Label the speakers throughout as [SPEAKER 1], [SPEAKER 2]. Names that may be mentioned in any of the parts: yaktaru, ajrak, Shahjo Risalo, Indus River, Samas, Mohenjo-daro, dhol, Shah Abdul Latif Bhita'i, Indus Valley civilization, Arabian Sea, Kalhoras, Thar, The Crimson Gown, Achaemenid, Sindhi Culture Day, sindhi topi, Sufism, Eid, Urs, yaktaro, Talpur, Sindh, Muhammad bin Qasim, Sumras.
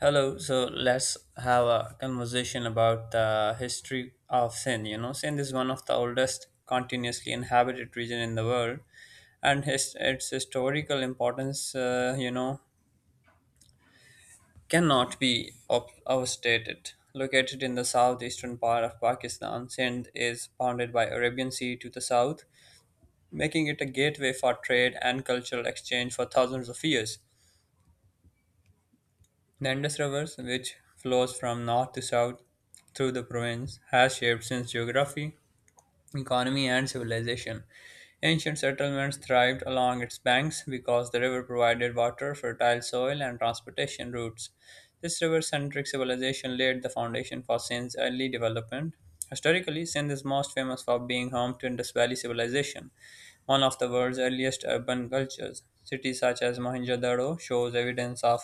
[SPEAKER 1] Hello, so let's have a conversation about the history of Sindh. You know, Sindh is one of the oldest continuously inhabited region in the world, and its historical importance, cannot be overstated. Located in the southeastern part of Pakistan, Sindh is bounded by Arabian Sea to the south, making it a gateway for trade and cultural exchange for thousands of years. The Indus River, which flows from north to south through the province, has shaped since geography, economy, and civilization. Ancient settlements thrived along its banks because the river provided water, fertile soil, and transportation routes. This river centric civilization laid the foundation for Sindh's early development. Historically, Sindh is most famous for being home to Indus Valley civilization, one of the world's earliest urban cultures. Cities such as Mohenjo-daro shows evidence of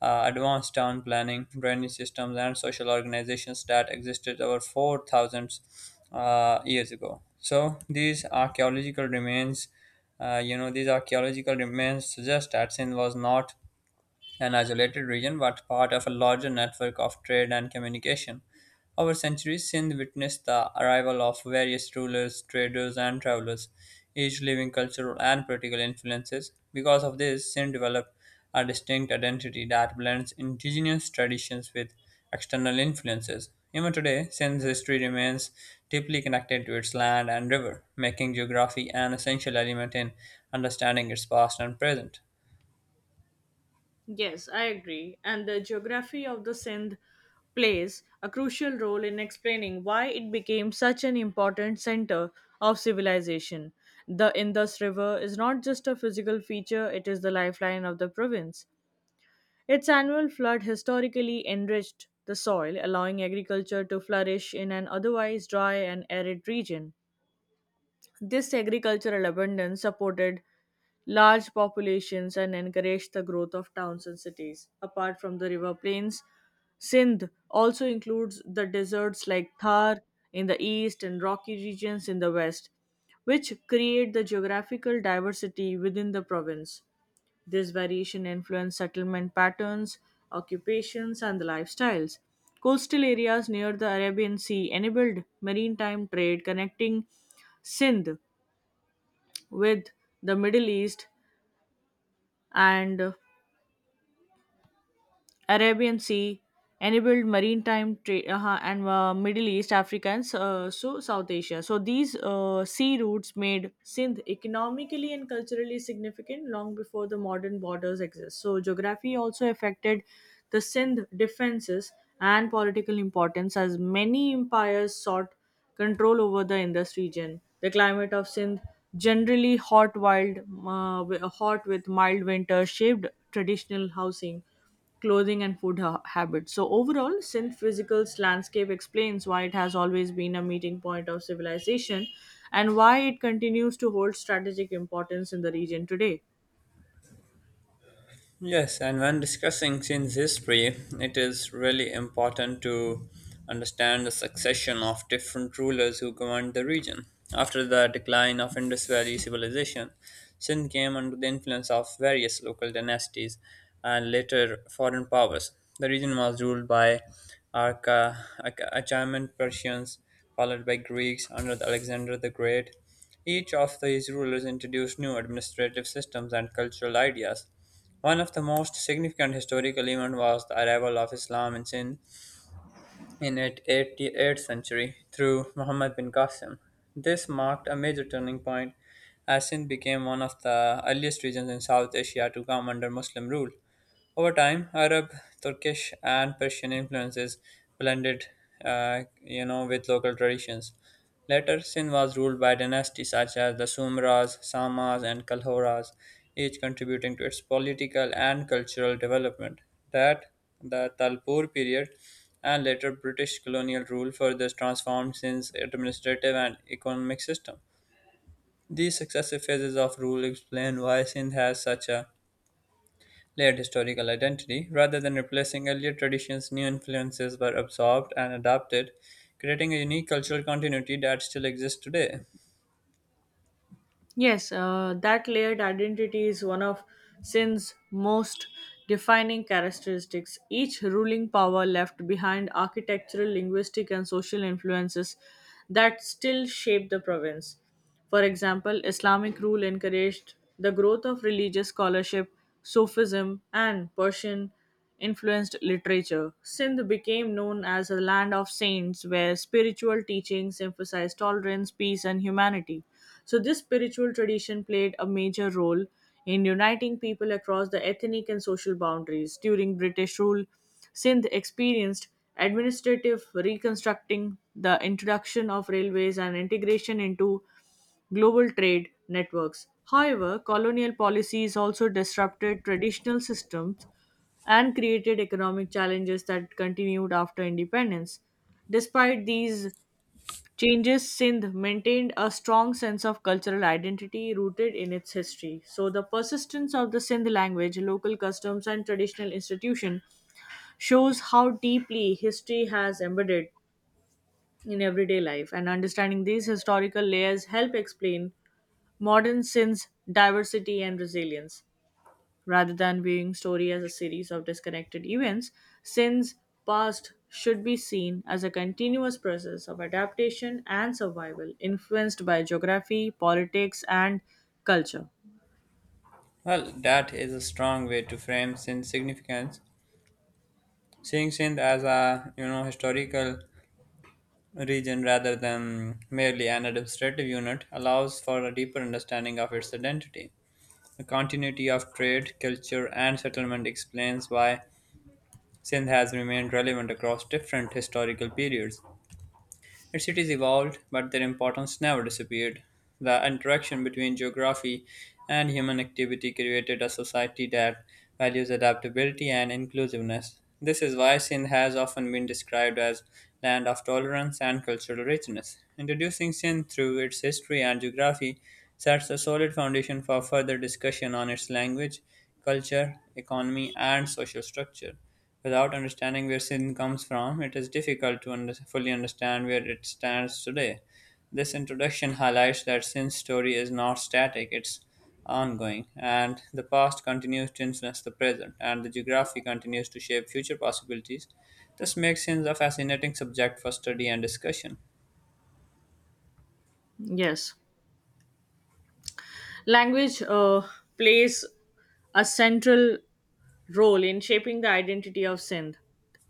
[SPEAKER 1] advanced town planning, drainage systems, and social organizations that existed over 4,000 years ago. So these archaeological remains suggest that Sindh was not an isolated region but part of a larger network of trade and communication. Over centuries, Sindh witnessed the arrival of various rulers, traders, and travelers, each leaving cultural and political influences. Because of this, Sindh developed a distinct identity that blends indigenous traditions with external influences. Even today, Sindh's history remains deeply connected to its land and river, making geography an essential element in understanding its past and present.
[SPEAKER 2] Yes, I agree. And the geography of the Sindh plays a crucial role in explaining why it became such an important center of civilization. The Indus River is not just a physical feature, it is the lifeline of the province. Its annual flood historically enriched the soil, allowing agriculture to flourish in an otherwise dry and arid region. This agricultural abundance supported large populations and encouraged the growth of towns and cities. Apart from the river plains, Sindh also includes the deserts like Thar in the east and rocky regions in the west, which create the geographical diversity within the province. This variation influenced settlement patterns, occupations, and the lifestyles. Coastal areas near the Arabian Sea enabled maritime trade connecting Sindh with the Middle East and Arabian Sea, enabled maritime trade, and Middle East, Africa, and so South Asia. So these sea routes made Sindh economically and culturally significant long before the modern borders exist. So geography also affected the Sindh defenses and political importance as many empires sought control over the Indus region. The climate of Sindh, generally hot, hot with mild winter, shaped traditional housing clothing and food habits. So overall, synth physical's landscape explains why it has always been a meeting point of civilization and why it continues to hold strategic importance in the region today.
[SPEAKER 1] Yes, and when discussing Chin's history, it is really important to understand the succession of different rulers who governed the region. After the decline of Indus Valley civilization, Sin came under the influence of various local dynasties and later foreign powers. The region was ruled by Arca, Achaemenid Persians, followed by Greeks under the Alexander the Great. Each of these rulers introduced new administrative systems and cultural ideas. One of the most significant historical events was the arrival of Islam in Sindh in its 8th century through Muhammad bin Qasim. This marked a major turning point as Sindh became one of the earliest regions in South Asia to come under Muslim rule. Over time, Arab, Turkish, and Persian influences blended, with local traditions. Later, Sindh was ruled by dynasties such as the Sumras, Samas, and Kalhoras, each contributing to its political and cultural development. That the Talpur period and later British colonial rule further transformed Sindh's administrative and economic system. These successive phases of rule explain why Sindh has such a layered historical identity. Rather than replacing earlier traditions, new influences were absorbed and adapted, creating a unique cultural continuity that still exists today.
[SPEAKER 2] Yes, that layered identity is one of Sin's most defining characteristics. Each ruling power left behind architectural, linguistic, and social influences that still shape the province. For example, Islamic rule encouraged the growth of religious scholarship, Sufism, and Persian influenced literature. Sindh became known as a land of saints where spiritual teachings emphasized tolerance, peace, and humanity. So, this spiritual tradition played a major role in uniting people across the ethnic and social boundaries. During British rule, Sindh experienced administrative reconstructing, the introduction of railways, and integration into global trade networks. However, colonial policies also disrupted traditional systems and created economic challenges that continued after independence. Despite these changes, Sindh maintained a strong sense of cultural identity rooted in its history. So, the persistence of the Sindh language, local customs, and traditional institution shows how deeply history has embedded in everyday life and understanding these historical layers help explain Modern sin's diversity and resilience. Rather than viewing story as a series of disconnected events, sin's past should be seen as a continuous process of adaptation and survival influenced by geography, politics, and culture.
[SPEAKER 1] Well, that is a strong way to frame Sindh's significance. Seeing Sindh as a historical region rather than merely an administrative unit allows for a deeper understanding of its identity. The continuity of trade, culture, and settlement explains why Sindh has remained relevant across different historical periods. Its cities evolved, but their importance never disappeared. The interaction between geography and human activity created a society that values adaptability and inclusiveness. This is why Sindh has often been described as land of tolerance and cultural richness. Introducing Sindh through its history and geography sets a solid foundation for further discussion on its language, culture, economy, and social structure. Without understanding where sin comes from, it is difficult to fully understand where it stands today. This introduction highlights that sin's story is not static, it's ongoing, and the past continues to influence the present, and the geography continues to shape future possibilities. This makes sin a fascinating subject for study and discussion.
[SPEAKER 2] Yes. Language plays a central role in shaping the identity of Sindh.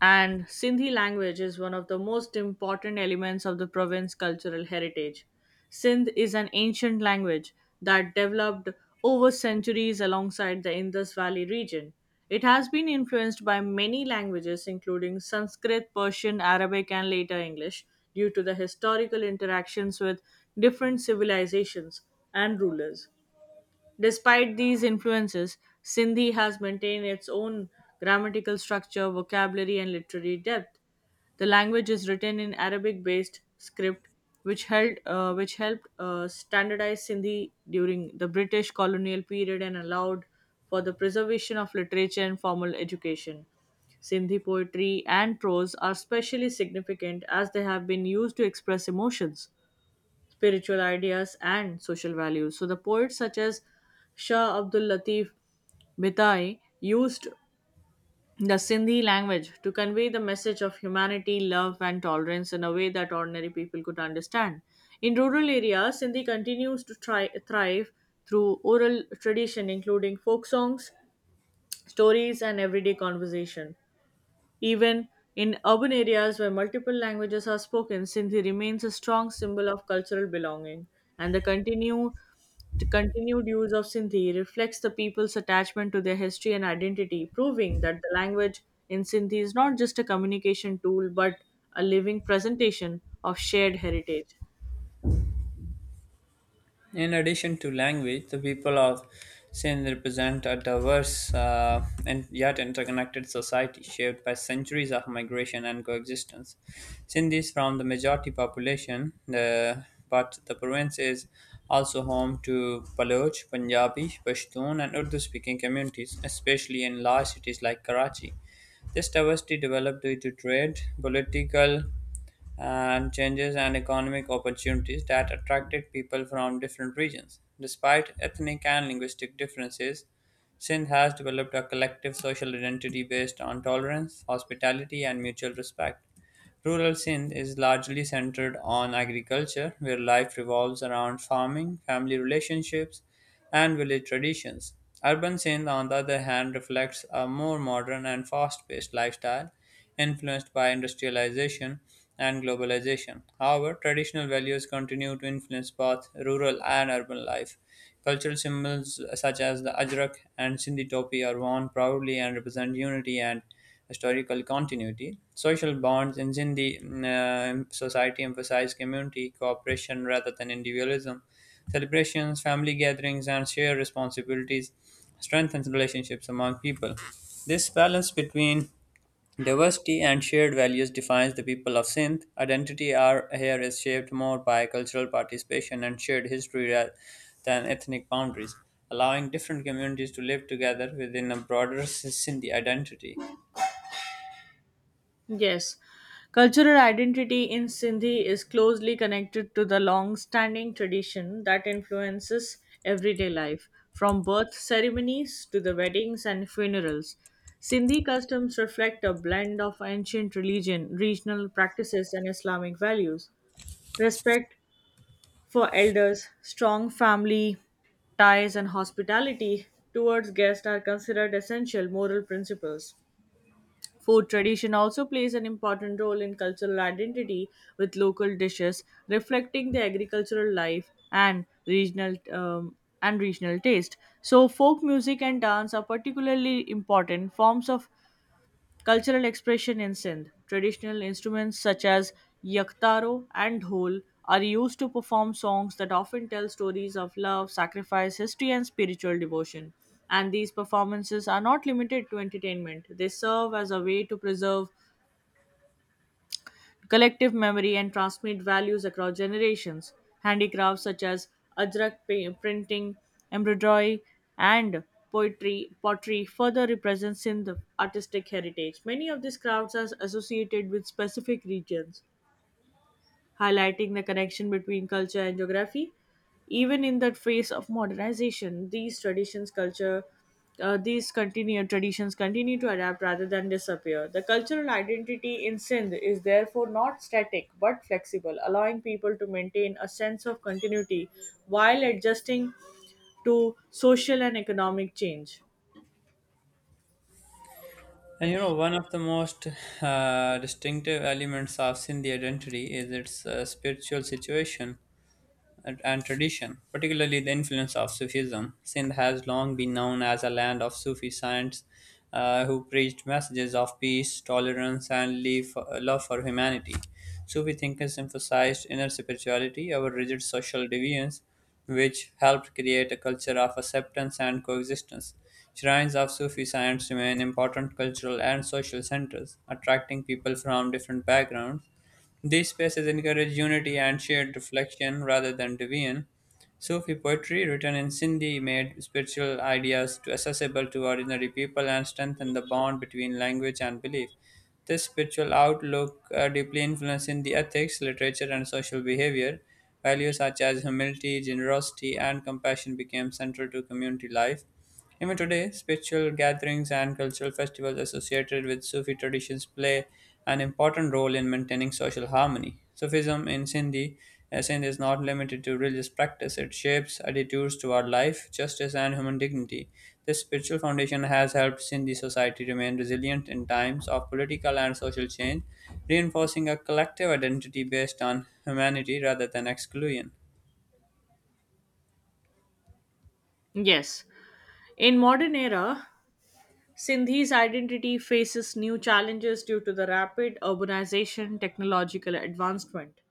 [SPEAKER 2] And Sindhi language is one of the most important elements of the province's cultural heritage. Sindh is an ancient language that developed over centuries alongside the Indus Valley region. It has been influenced by many languages, including Sanskrit, Persian, Arabic, and later English, due to the historical interactions with different civilizations and rulers. Despite these influences, Sindhi has maintained its own grammatical structure, vocabulary, and literary depth. The language is written in Arabic-based script, which helped standardize Sindhi during the British colonial period and allowed for the preservation of literature and formal education. Sindhi poetry and prose are especially significant as they have been used to express emotions spiritual ideas, and social values. So the poets such as Shah Abdul Latif Bhita'i used the Sindhi language to convey the message of humanity, love, and tolerance in a way that ordinary people could understand. In rural areas, Sindhi continues to try, thrive through oral tradition, including folk songs, stories, and everyday conversation. Even in urban areas where multiple languages are spoken, Sindhi remains a strong symbol of cultural belonging, and the continued use of Sindhi reflects the people's attachment to their history and identity, proving that the language in Sindhi is not just a communication tool but a living presentation of shared heritage.
[SPEAKER 1] In addition to language, the people of Sin represent a diverse and yet interconnected society shaped by centuries of migration and coexistence. Sindhis form the majority population, but the province is also home to Baloch, Punjabi, Pashtun, and Urdu speaking communities, especially in large cities like Karachi. This diversity developed due to trade, political and changes and economic opportunities that attracted people from different regions. Despite ethnic and linguistic differences, Sindh has developed a collective social identity based on tolerance, hospitality, and mutual respect. Rural Sindh is largely centered on agriculture, where life revolves around farming, family relationships, and village traditions. Urban Sindh, on the other hand, reflects a more modern and fast paced lifestyle influenced by industrialization and globalization. However, traditional values continue to influence both rural and urban life. Cultural symbols such as the ajrak and sindhi topi are worn proudly and represent unity and historical continuity. Social bonds in Sindhi society emphasize community cooperation rather than individualism. Celebrations, family gatherings, and shared responsibilities strengthen relationships among people. This balance between diversity and shared values defines the people of Sindh. Here is shaped more by cultural participation and shared history than ethnic boundaries, allowing different communities to live together within a broader Sindhi identity.
[SPEAKER 2] Yes, cultural identity in Sindhi is closely connected to the long standing tradition that influences everyday life, from birth ceremonies to the weddings and funerals. Sindhi customs reflect a blend of ancient religion, regional practices, and Islamic values. Respect for elders, strong family ties, and hospitality towards guests are considered essential moral principles. Food tradition also plays an important role in cultural identity, with local dishes reflecting the agricultural life and regional taste. So, folk music and dance are particularly important forms of Cultural expression in Sindh. Traditional instruments such as yaktaro and dhol are used to perform songs that often tell stories of love, sacrifice, history, and spiritual devotion. And these performances are not limited to entertainment, they serve as a way to preserve collective memory and transmit values across generations. Handicrafts such as printing, embroidery, and poetry pottery further represent Sindh artistic heritage. Many of these crafts are associated with specific regions highlighting the connection between culture and geography. Even in the face of modernization, these traditions culture these continue traditions continue to adapt rather than disappear. The cultural identity in Sindh is therefore not static but flexible, allowing people to maintain a sense of continuity while adjusting to social and economic change.
[SPEAKER 1] And you know, one of the most distinctive elements of Sindhi identity is its spiritual situation. And tradition, particularly the influence of Sufism. Sindh has long been known as a land of Sufi saints who preached messages of peace, tolerance, and love for humanity. Sufi thinkers emphasized inner spirituality over rigid social deviance, which helped create a culture of acceptance and coexistence. Shrines of Sufi saints remain important cultural and social centers, attracting people from different backgrounds these spaces encourage unity and shared reflection rather than division. Sufi poetry written in Sindhi made spiritual ideas to accessible to ordinary people and strengthened the bond between language and belief. This spiritual outlook deeply influenced Sindhi ethics, literature, and social behavior. Values such as humility, generosity, and compassion became central to community life. Even today, spiritual gatherings and cultural festivals associated with Sufi traditions play an important role in maintaining social harmony. Sindh is not limited to religious practice, it shapes attitudes toward life, justice, and human dignity. This spiritual foundation has helped Sindhi society remain resilient in times of political and social change, reinforcing a collective identity based on humanity rather than exclusion.
[SPEAKER 2] Yes. In modern era, Sindhi's identity faces new challenges due to the rapid urbanization, technological advancement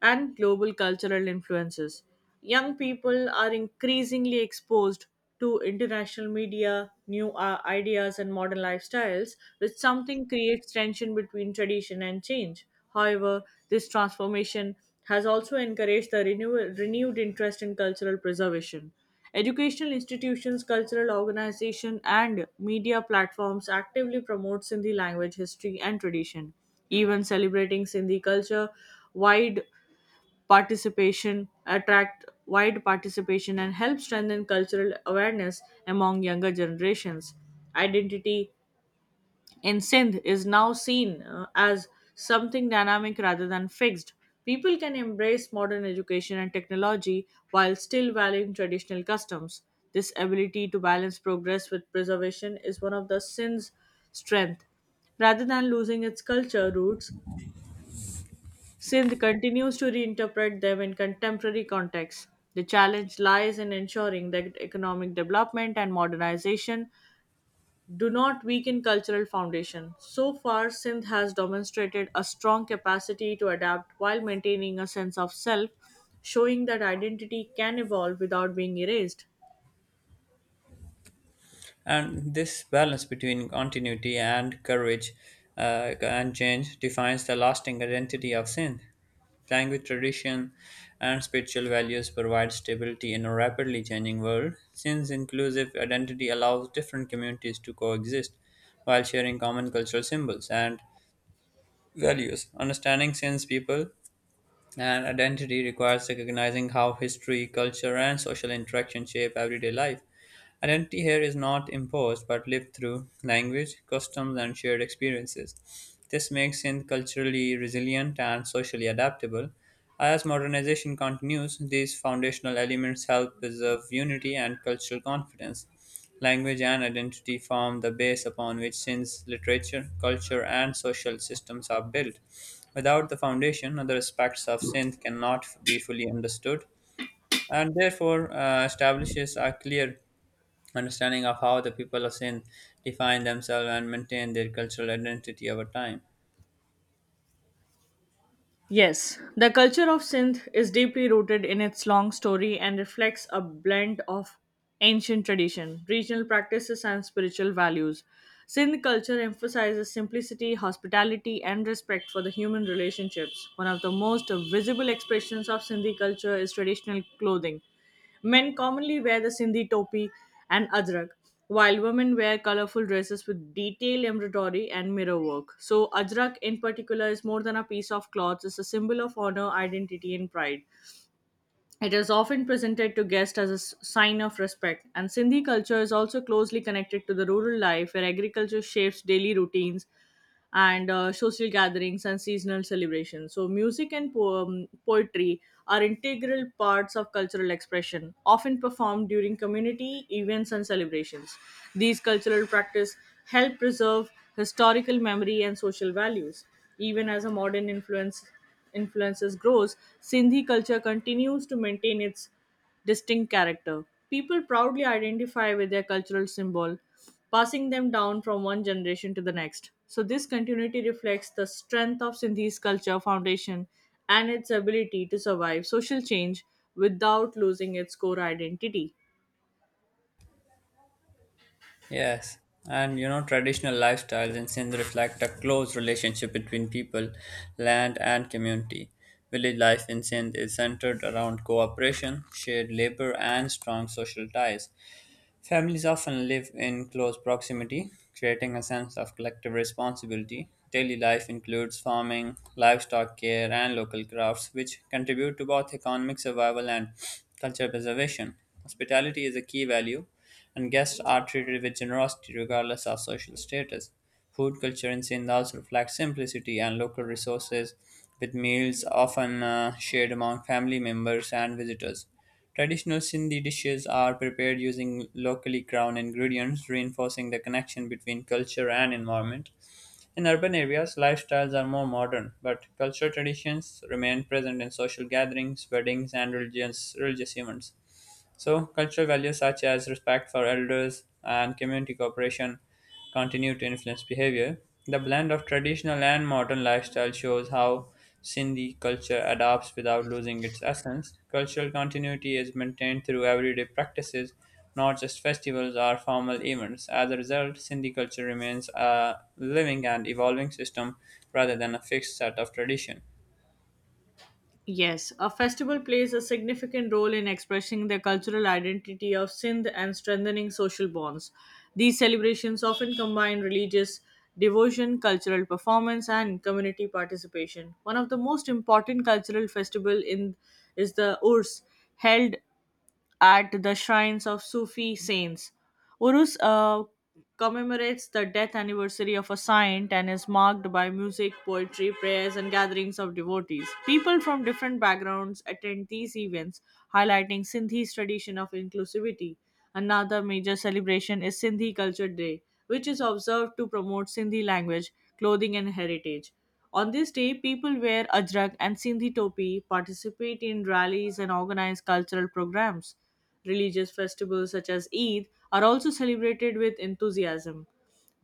[SPEAKER 2] and global cultural influences. Young people are increasingly exposed to international media, new ideas, and modern lifestyles, which something creates tension between tradition and change. However, this transformation has also encouraged the renewed interest in cultural preservation. Educational institutions, cultural organizations, and media platforms actively promote Sindhi language, history, and tradition. Even celebrating Sindhi culture wide participation attract wide participation and help strengthen cultural awareness among younger generations identity in sindh is now seen as something dynamic rather than fixed people can embrace modern education and technology while still valuing traditional customs this ability to balance progress with preservation is one of the sindh's strength rather than losing its culture roots Sindh continues to reinterpret them in contemporary contexts. The challenge lies in ensuring that economic development and modernization do not weaken cultural foundation. So far, Sindh has demonstrated a strong capacity to adapt while maintaining a sense of self, showing that identity can evolve without being erased.
[SPEAKER 1] And this balance between continuity and change defines the lasting identity of Sindh. Language tradition and spiritual values provide stability in a rapidly changing world, since inclusive identity allows different communities to coexist while sharing common cultural symbols and values. Understanding Sindh's people and identity requires recognizing how history, culture, and social interaction shape everyday life. Identity here is not imposed but lived through language, customs, and shared experiences. This makes Sindh culturally resilient and socially adaptable. As modernization continues, these foundational elements help preserve unity and cultural confidence. Language and identity form the base upon which Sindh's literature, culture, and social systems are built. Without the foundation, other aspects of Sindh cannot be fully understood and therefore establishes a clear understanding of how the people of Sindh define themselves and maintain their cultural identity over time.
[SPEAKER 2] Yes, the culture of Sindh is deeply rooted in its long story and reflects a blend of ancient tradition, regional practices, and spiritual values. Sindh culture emphasizes simplicity, hospitality, and respect for the human relationships. One of the most visible expressions of Sindhi culture is traditional clothing. Men commonly wear the Sindhi topi and ajrak, while women wear colorful dresses with detailed embroidery and mirror work. So, ajrak in particular is more than a piece of cloth, it's a symbol of honor, identity, and pride. It is often presented to guests as a sign of respect, and Sindhi culture is also closely connected to the rural life where agriculture shapes daily routines and social gatherings and seasonal celebrations. So, poetry are integral parts of cultural expression, often performed during community events and celebrations. These cultural practices help preserve historical memory and social values, even as a modern influence influences grows, Sindhi culture continues to maintain its distinct character. People proudly identify with their cultural symbol, passing them down from one generation to the next. So, this continuity reflects the strength of Sindhi's culture foundation and its ability to survive social change without losing its core identity.
[SPEAKER 1] Yes, and you know, traditional lifestyles in Sindh reflect a close relationship between people, land, and community. Village life in Sindh is centered around cooperation, shared labor, and strong social ties. Families often live in close proximity, creating a sense of collective responsibility. Daily life includes farming, livestock care, and local crafts, which contribute to both economic survival and cultural preservation. Hospitality is a key value, and guests are treated with generosity regardless of social status. Food culture in Sindh also reflects simplicity and local resources, with meals often shared among family members and visitors. Traditional Sindhi dishes are prepared using locally grown ingredients, reinforcing the connection between culture and environment. In urban areas, lifestyles are more modern, but cultural traditions remain present in social gatherings, weddings, and religious events. So, cultural values such as respect for elders and community cooperation continue to influence behavior. The blend of traditional and modern lifestyle shows how Sindhi culture adapts without losing its essence. Cultural continuity is maintained through everyday practices, not just festivals or formal events. As a result, Sindhi culture remains a living and evolving system rather than a fixed set of tradition.
[SPEAKER 2] Yes, a festival plays a significant role in expressing the cultural identity of Sindh and strengthening social bonds. These celebrations often combine religious devotion, cultural performance, and community participation. One of the most important cultural festival in is the Urs, held at the shrines of Sufi saints. Urus commemorates the death anniversary of a saint and is marked by music, poetry, prayers, and gatherings of devotees. People from different backgrounds attend these events, highlighting Sindhi's tradition of inclusivity. Another major celebration is Sindhi Culture Day, which is observed to promote Sindhi language, clothing, and heritage. On this day, people wear ajrak and sindhi topi, participate in rallies, and organize cultural programs. Religious festivals such as Eid are also celebrated with enthusiasm,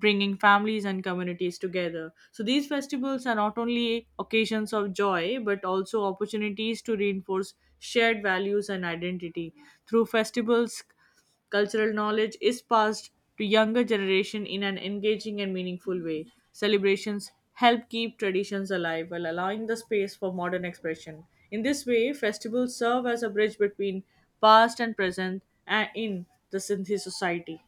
[SPEAKER 2] bringing families and communities together. So, these festivals are not only occasions of joy but also opportunities to reinforce shared values and identity. Through festivals, Cultural knowledge is passed to younger generation in an engaging and meaningful way. Celebrations help keep traditions alive while allowing the space for modern expression. In this way, festivals serve as a bridge between past and present and in the Sindhi society.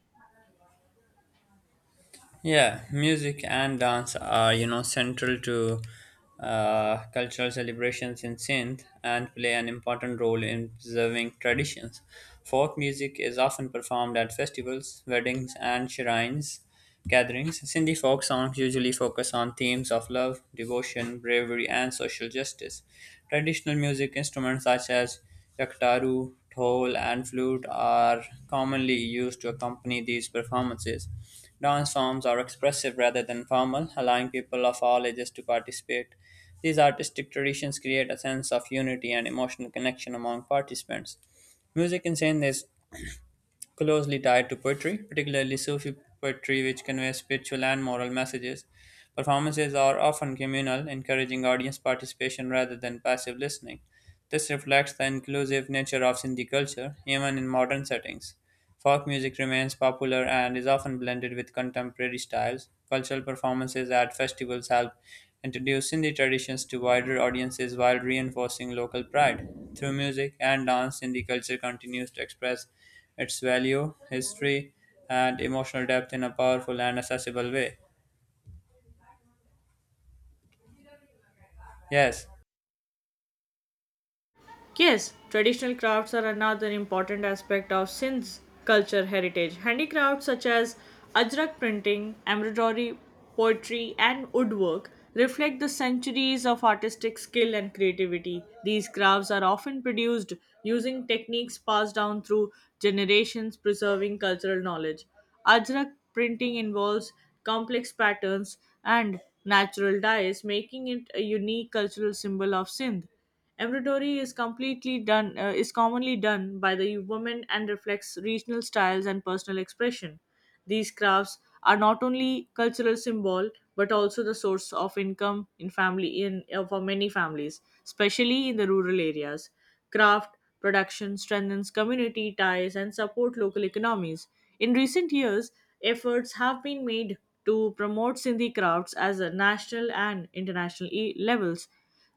[SPEAKER 1] Yeah, music and dance are, you know, central to cultural celebrations in Sindh and play an important role in preserving traditions. Folk music is often performed at festivals, weddings, and shrines gatherings. Sindhi folk songs usually focus on themes of love, devotion, bravery, and social justice. Traditional music instruments such as yaktaru, dhol, and flute are commonly used to accompany these performances. Dance forms are expressive rather than formal, allowing people of all ages to participate. These artistic traditions create a sense of unity and emotional connection among participants. Music in Sindh is closely tied to poetry, particularly Sufi poetry, which conveys spiritual and moral messages. Performances are often communal, encouraging audience participation rather than passive listening. This reflects the inclusive nature of Sindhi culture, even in modern settings. Folk music remains popular and is often blended with contemporary styles. Cultural performances at festivals help introduce Sindhi traditions to wider audiences while reinforcing local pride. Through music and dance, Sindhi culture continues to express its value, history, and emotional depth in a powerful and accessible way. Yes,
[SPEAKER 2] Yes, traditional crafts are another important aspect of Sindh's culture heritage. Handicrafts such as ajrak printing, embroidery, poetry, and woodwork reflect the centuries of artistic skill and creativity. These crafts are often produced using techniques passed down through generations, preserving cultural knowledge. Ajrak printing involves complex patterns and natural dyes, making it a unique cultural symbol of Sindh. Embroidery is completely done is commonly done by the women and reflects regional styles and personal expression. These crafts are not only cultural symbol but also the source of income in family in for many families, especially in the rural areas. Craft production strengthens community ties and support local economies. In recent years, efforts have been made to promote Sindhi crafts as a national and international levels.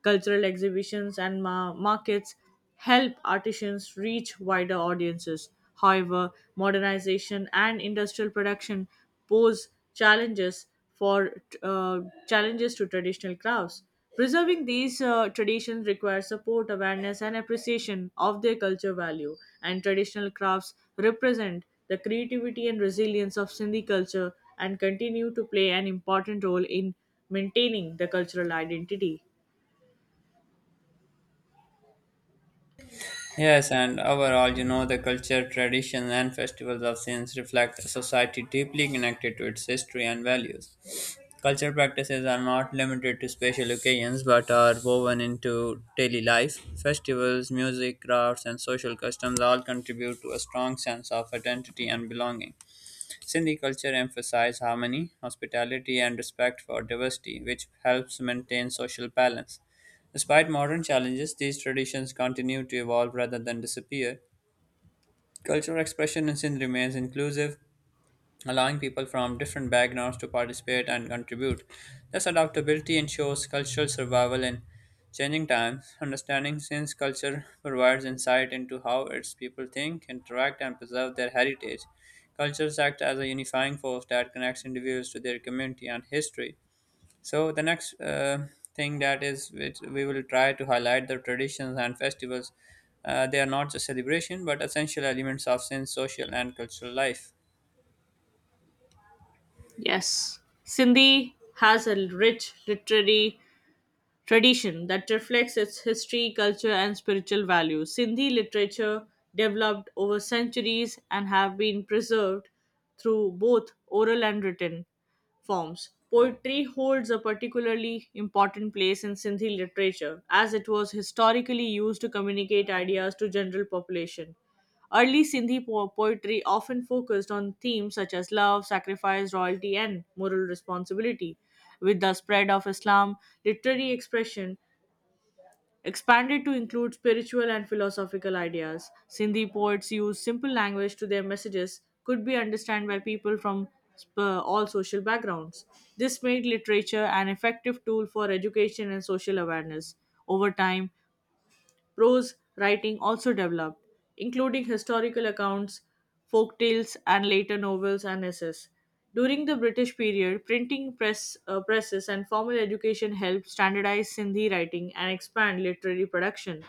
[SPEAKER 2] Cultural exhibitions and markets help artisans reach wider audiences. However, modernization and industrial production pose challenges for uh, challenges to traditional crafts. Preserving these traditions requires support, awareness, and appreciation of their culture value. And traditional crafts represent the creativity and resilience of Sindhi culture and continue to play an important role in maintaining the cultural identity.
[SPEAKER 1] Yes, and overall, you know, the culture, tradition, and festivals of Sins reflect a society deeply connected to its history and values. Culture practices are not limited to special occasions but are woven into daily life. Festivals, music, crafts, and social customs all contribute to a strong sense of identity and belonging. Sindhi culture emphasizes harmony, hospitality, and respect for diversity, which helps maintain social balance. Despite modern challenges, these traditions continue to evolve rather than disappear. Cultural expression in Sindh remains inclusive, allowing people from different backgrounds to participate and contribute. This adaptability ensures cultural survival in changing times. Understanding Sin's culture provides insight into how its people think, interact, and preserve their heritage. Cultures act as a unifying force that connects individuals to their community and history. So the next thing that is, which we will try to highlight the traditions and festivals. They are not just celebration, but essential elements of Sin's social and cultural life.
[SPEAKER 2] Yes. Sindhi has a rich literary tradition that reflects its history, culture, and spiritual values. Sindhi literature developed over centuries and have been preserved through both oral and written forms. Poetry holds a particularly important place in Sindhi literature as it was historically used to communicate ideas to general population. Early Sindhi poetry often focused on themes such as love, sacrifice, royalty, and moral responsibility. With the spread of Islam, literary expression expanded to include spiritual and philosophical ideas. Sindhi poets used simple language to their messages could be understood by people from sp- all social backgrounds. This made literature an effective tool for education and social awareness. Over time, prose writing also developed, including historical accounts, folk tales, and later novels and essays. During the British period, presses and formal education helped standardize Sindhi writing and expand literary production.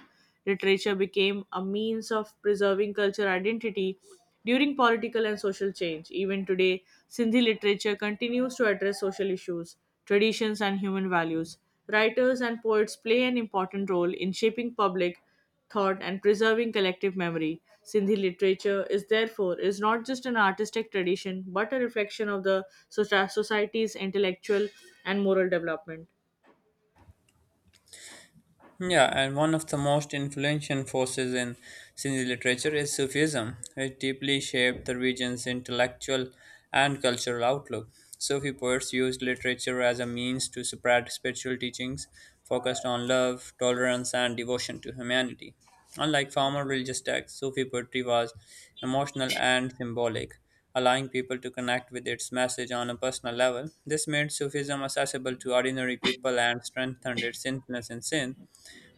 [SPEAKER 2] Literature became a means of preserving cultural identity during political and social change. Even today, Sindhi literature continues to address social issues, traditions, and human values. Writers and poets play an important role in shaping public thought and preserving collective memory. Sindhi literature is therefore is not just an artistic tradition but a reflection of the society's intellectual and moral development.
[SPEAKER 1] Yeah, and one of the most influential forces in Sindhi literature is Sufism, which deeply shaped the region's intellectual and cultural outlook. Sufi poets used literature as a means to spread spiritual teachings focused on love, tolerance, and devotion to humanity. Unlike formal religious texts, Sufi poetry was emotional and symbolic, allowing people to connect with its message on a personal level. This made Sufism accessible to ordinary people and strengthened its influence in Sindh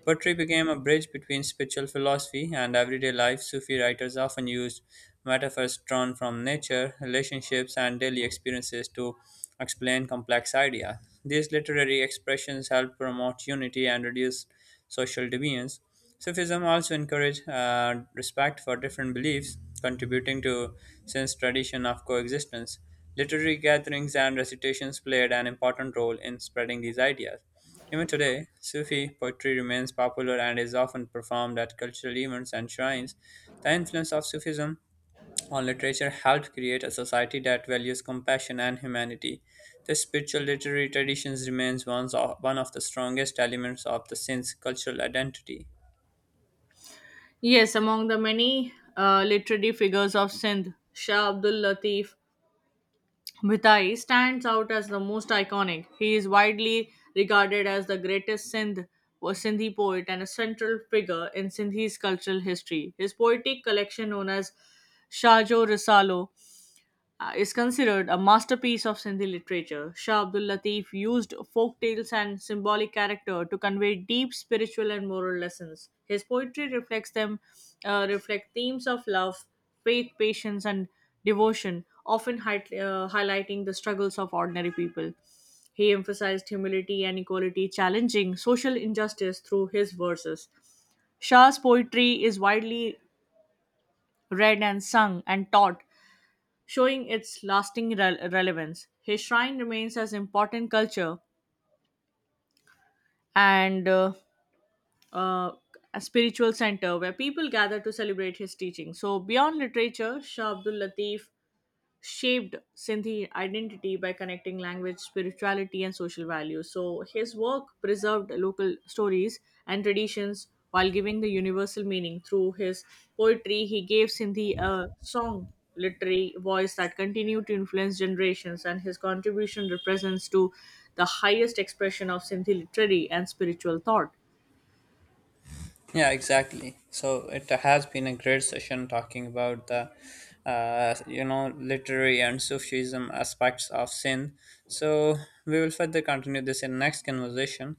[SPEAKER 1] Poetry became a bridge between spiritual philosophy and everyday life. Sufi writers often used metaphors drawn from nature, relationships, and daily experiences to explain complex ideas. These literary expressions help promote unity and reduce social divisions. Sufism also encouraged respect for different beliefs, contributing to Sindh's tradition of coexistence. Literary gatherings and recitations played an important role in spreading these ideas. Even today, Sufi poetry remains popular and is often performed at cultural events and shrines. The influence of Sufism on literature helped create a society that values compassion and humanity. This spiritual literary tradition remains one of the strongest elements of the Sindh's cultural identity.
[SPEAKER 2] Yes, among the many literary figures of Sindh, Shah Abdul Latif Bhita'i stands out as the most iconic. He is widely regarded as the greatest Sindh or Sindhi poet and a central figure in Sindhi's cultural history. His poetic collection, known as Shahjo Risalo, is considered a masterpiece of Sindhi literature. Shah Abdul Latif used folk tales and symbolic character to convey deep spiritual and moral lessons. His poetry reflect themes of love, faith, patience, and devotion, often highlighting the struggles of ordinary people. He emphasized humility and equality, challenging social injustice through his verses. Shah's poetry is widely read and sung and taught, showing its lasting relevance. His shrine remains as important culture and uh, a spiritual center where people gather to celebrate his teaching. So beyond literature, Shah Abdul Latif shaped Sindhi identity by connecting language, spirituality, and social values. So his work preserved local stories and traditions while giving the universal meaning. Through his poetry, he gave Sindhi a song literary voice that continued to influence generations, and his contribution represents to the highest expression of Sindhi literary and spiritual thought.
[SPEAKER 1] Yeah, exactly. So it has been a great session talking about the, literary and Sufism aspects of sin. So we will further continue this in next conversation.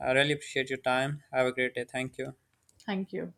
[SPEAKER 1] I really appreciate your time. Have a great day. Thank you.
[SPEAKER 2] Thank you.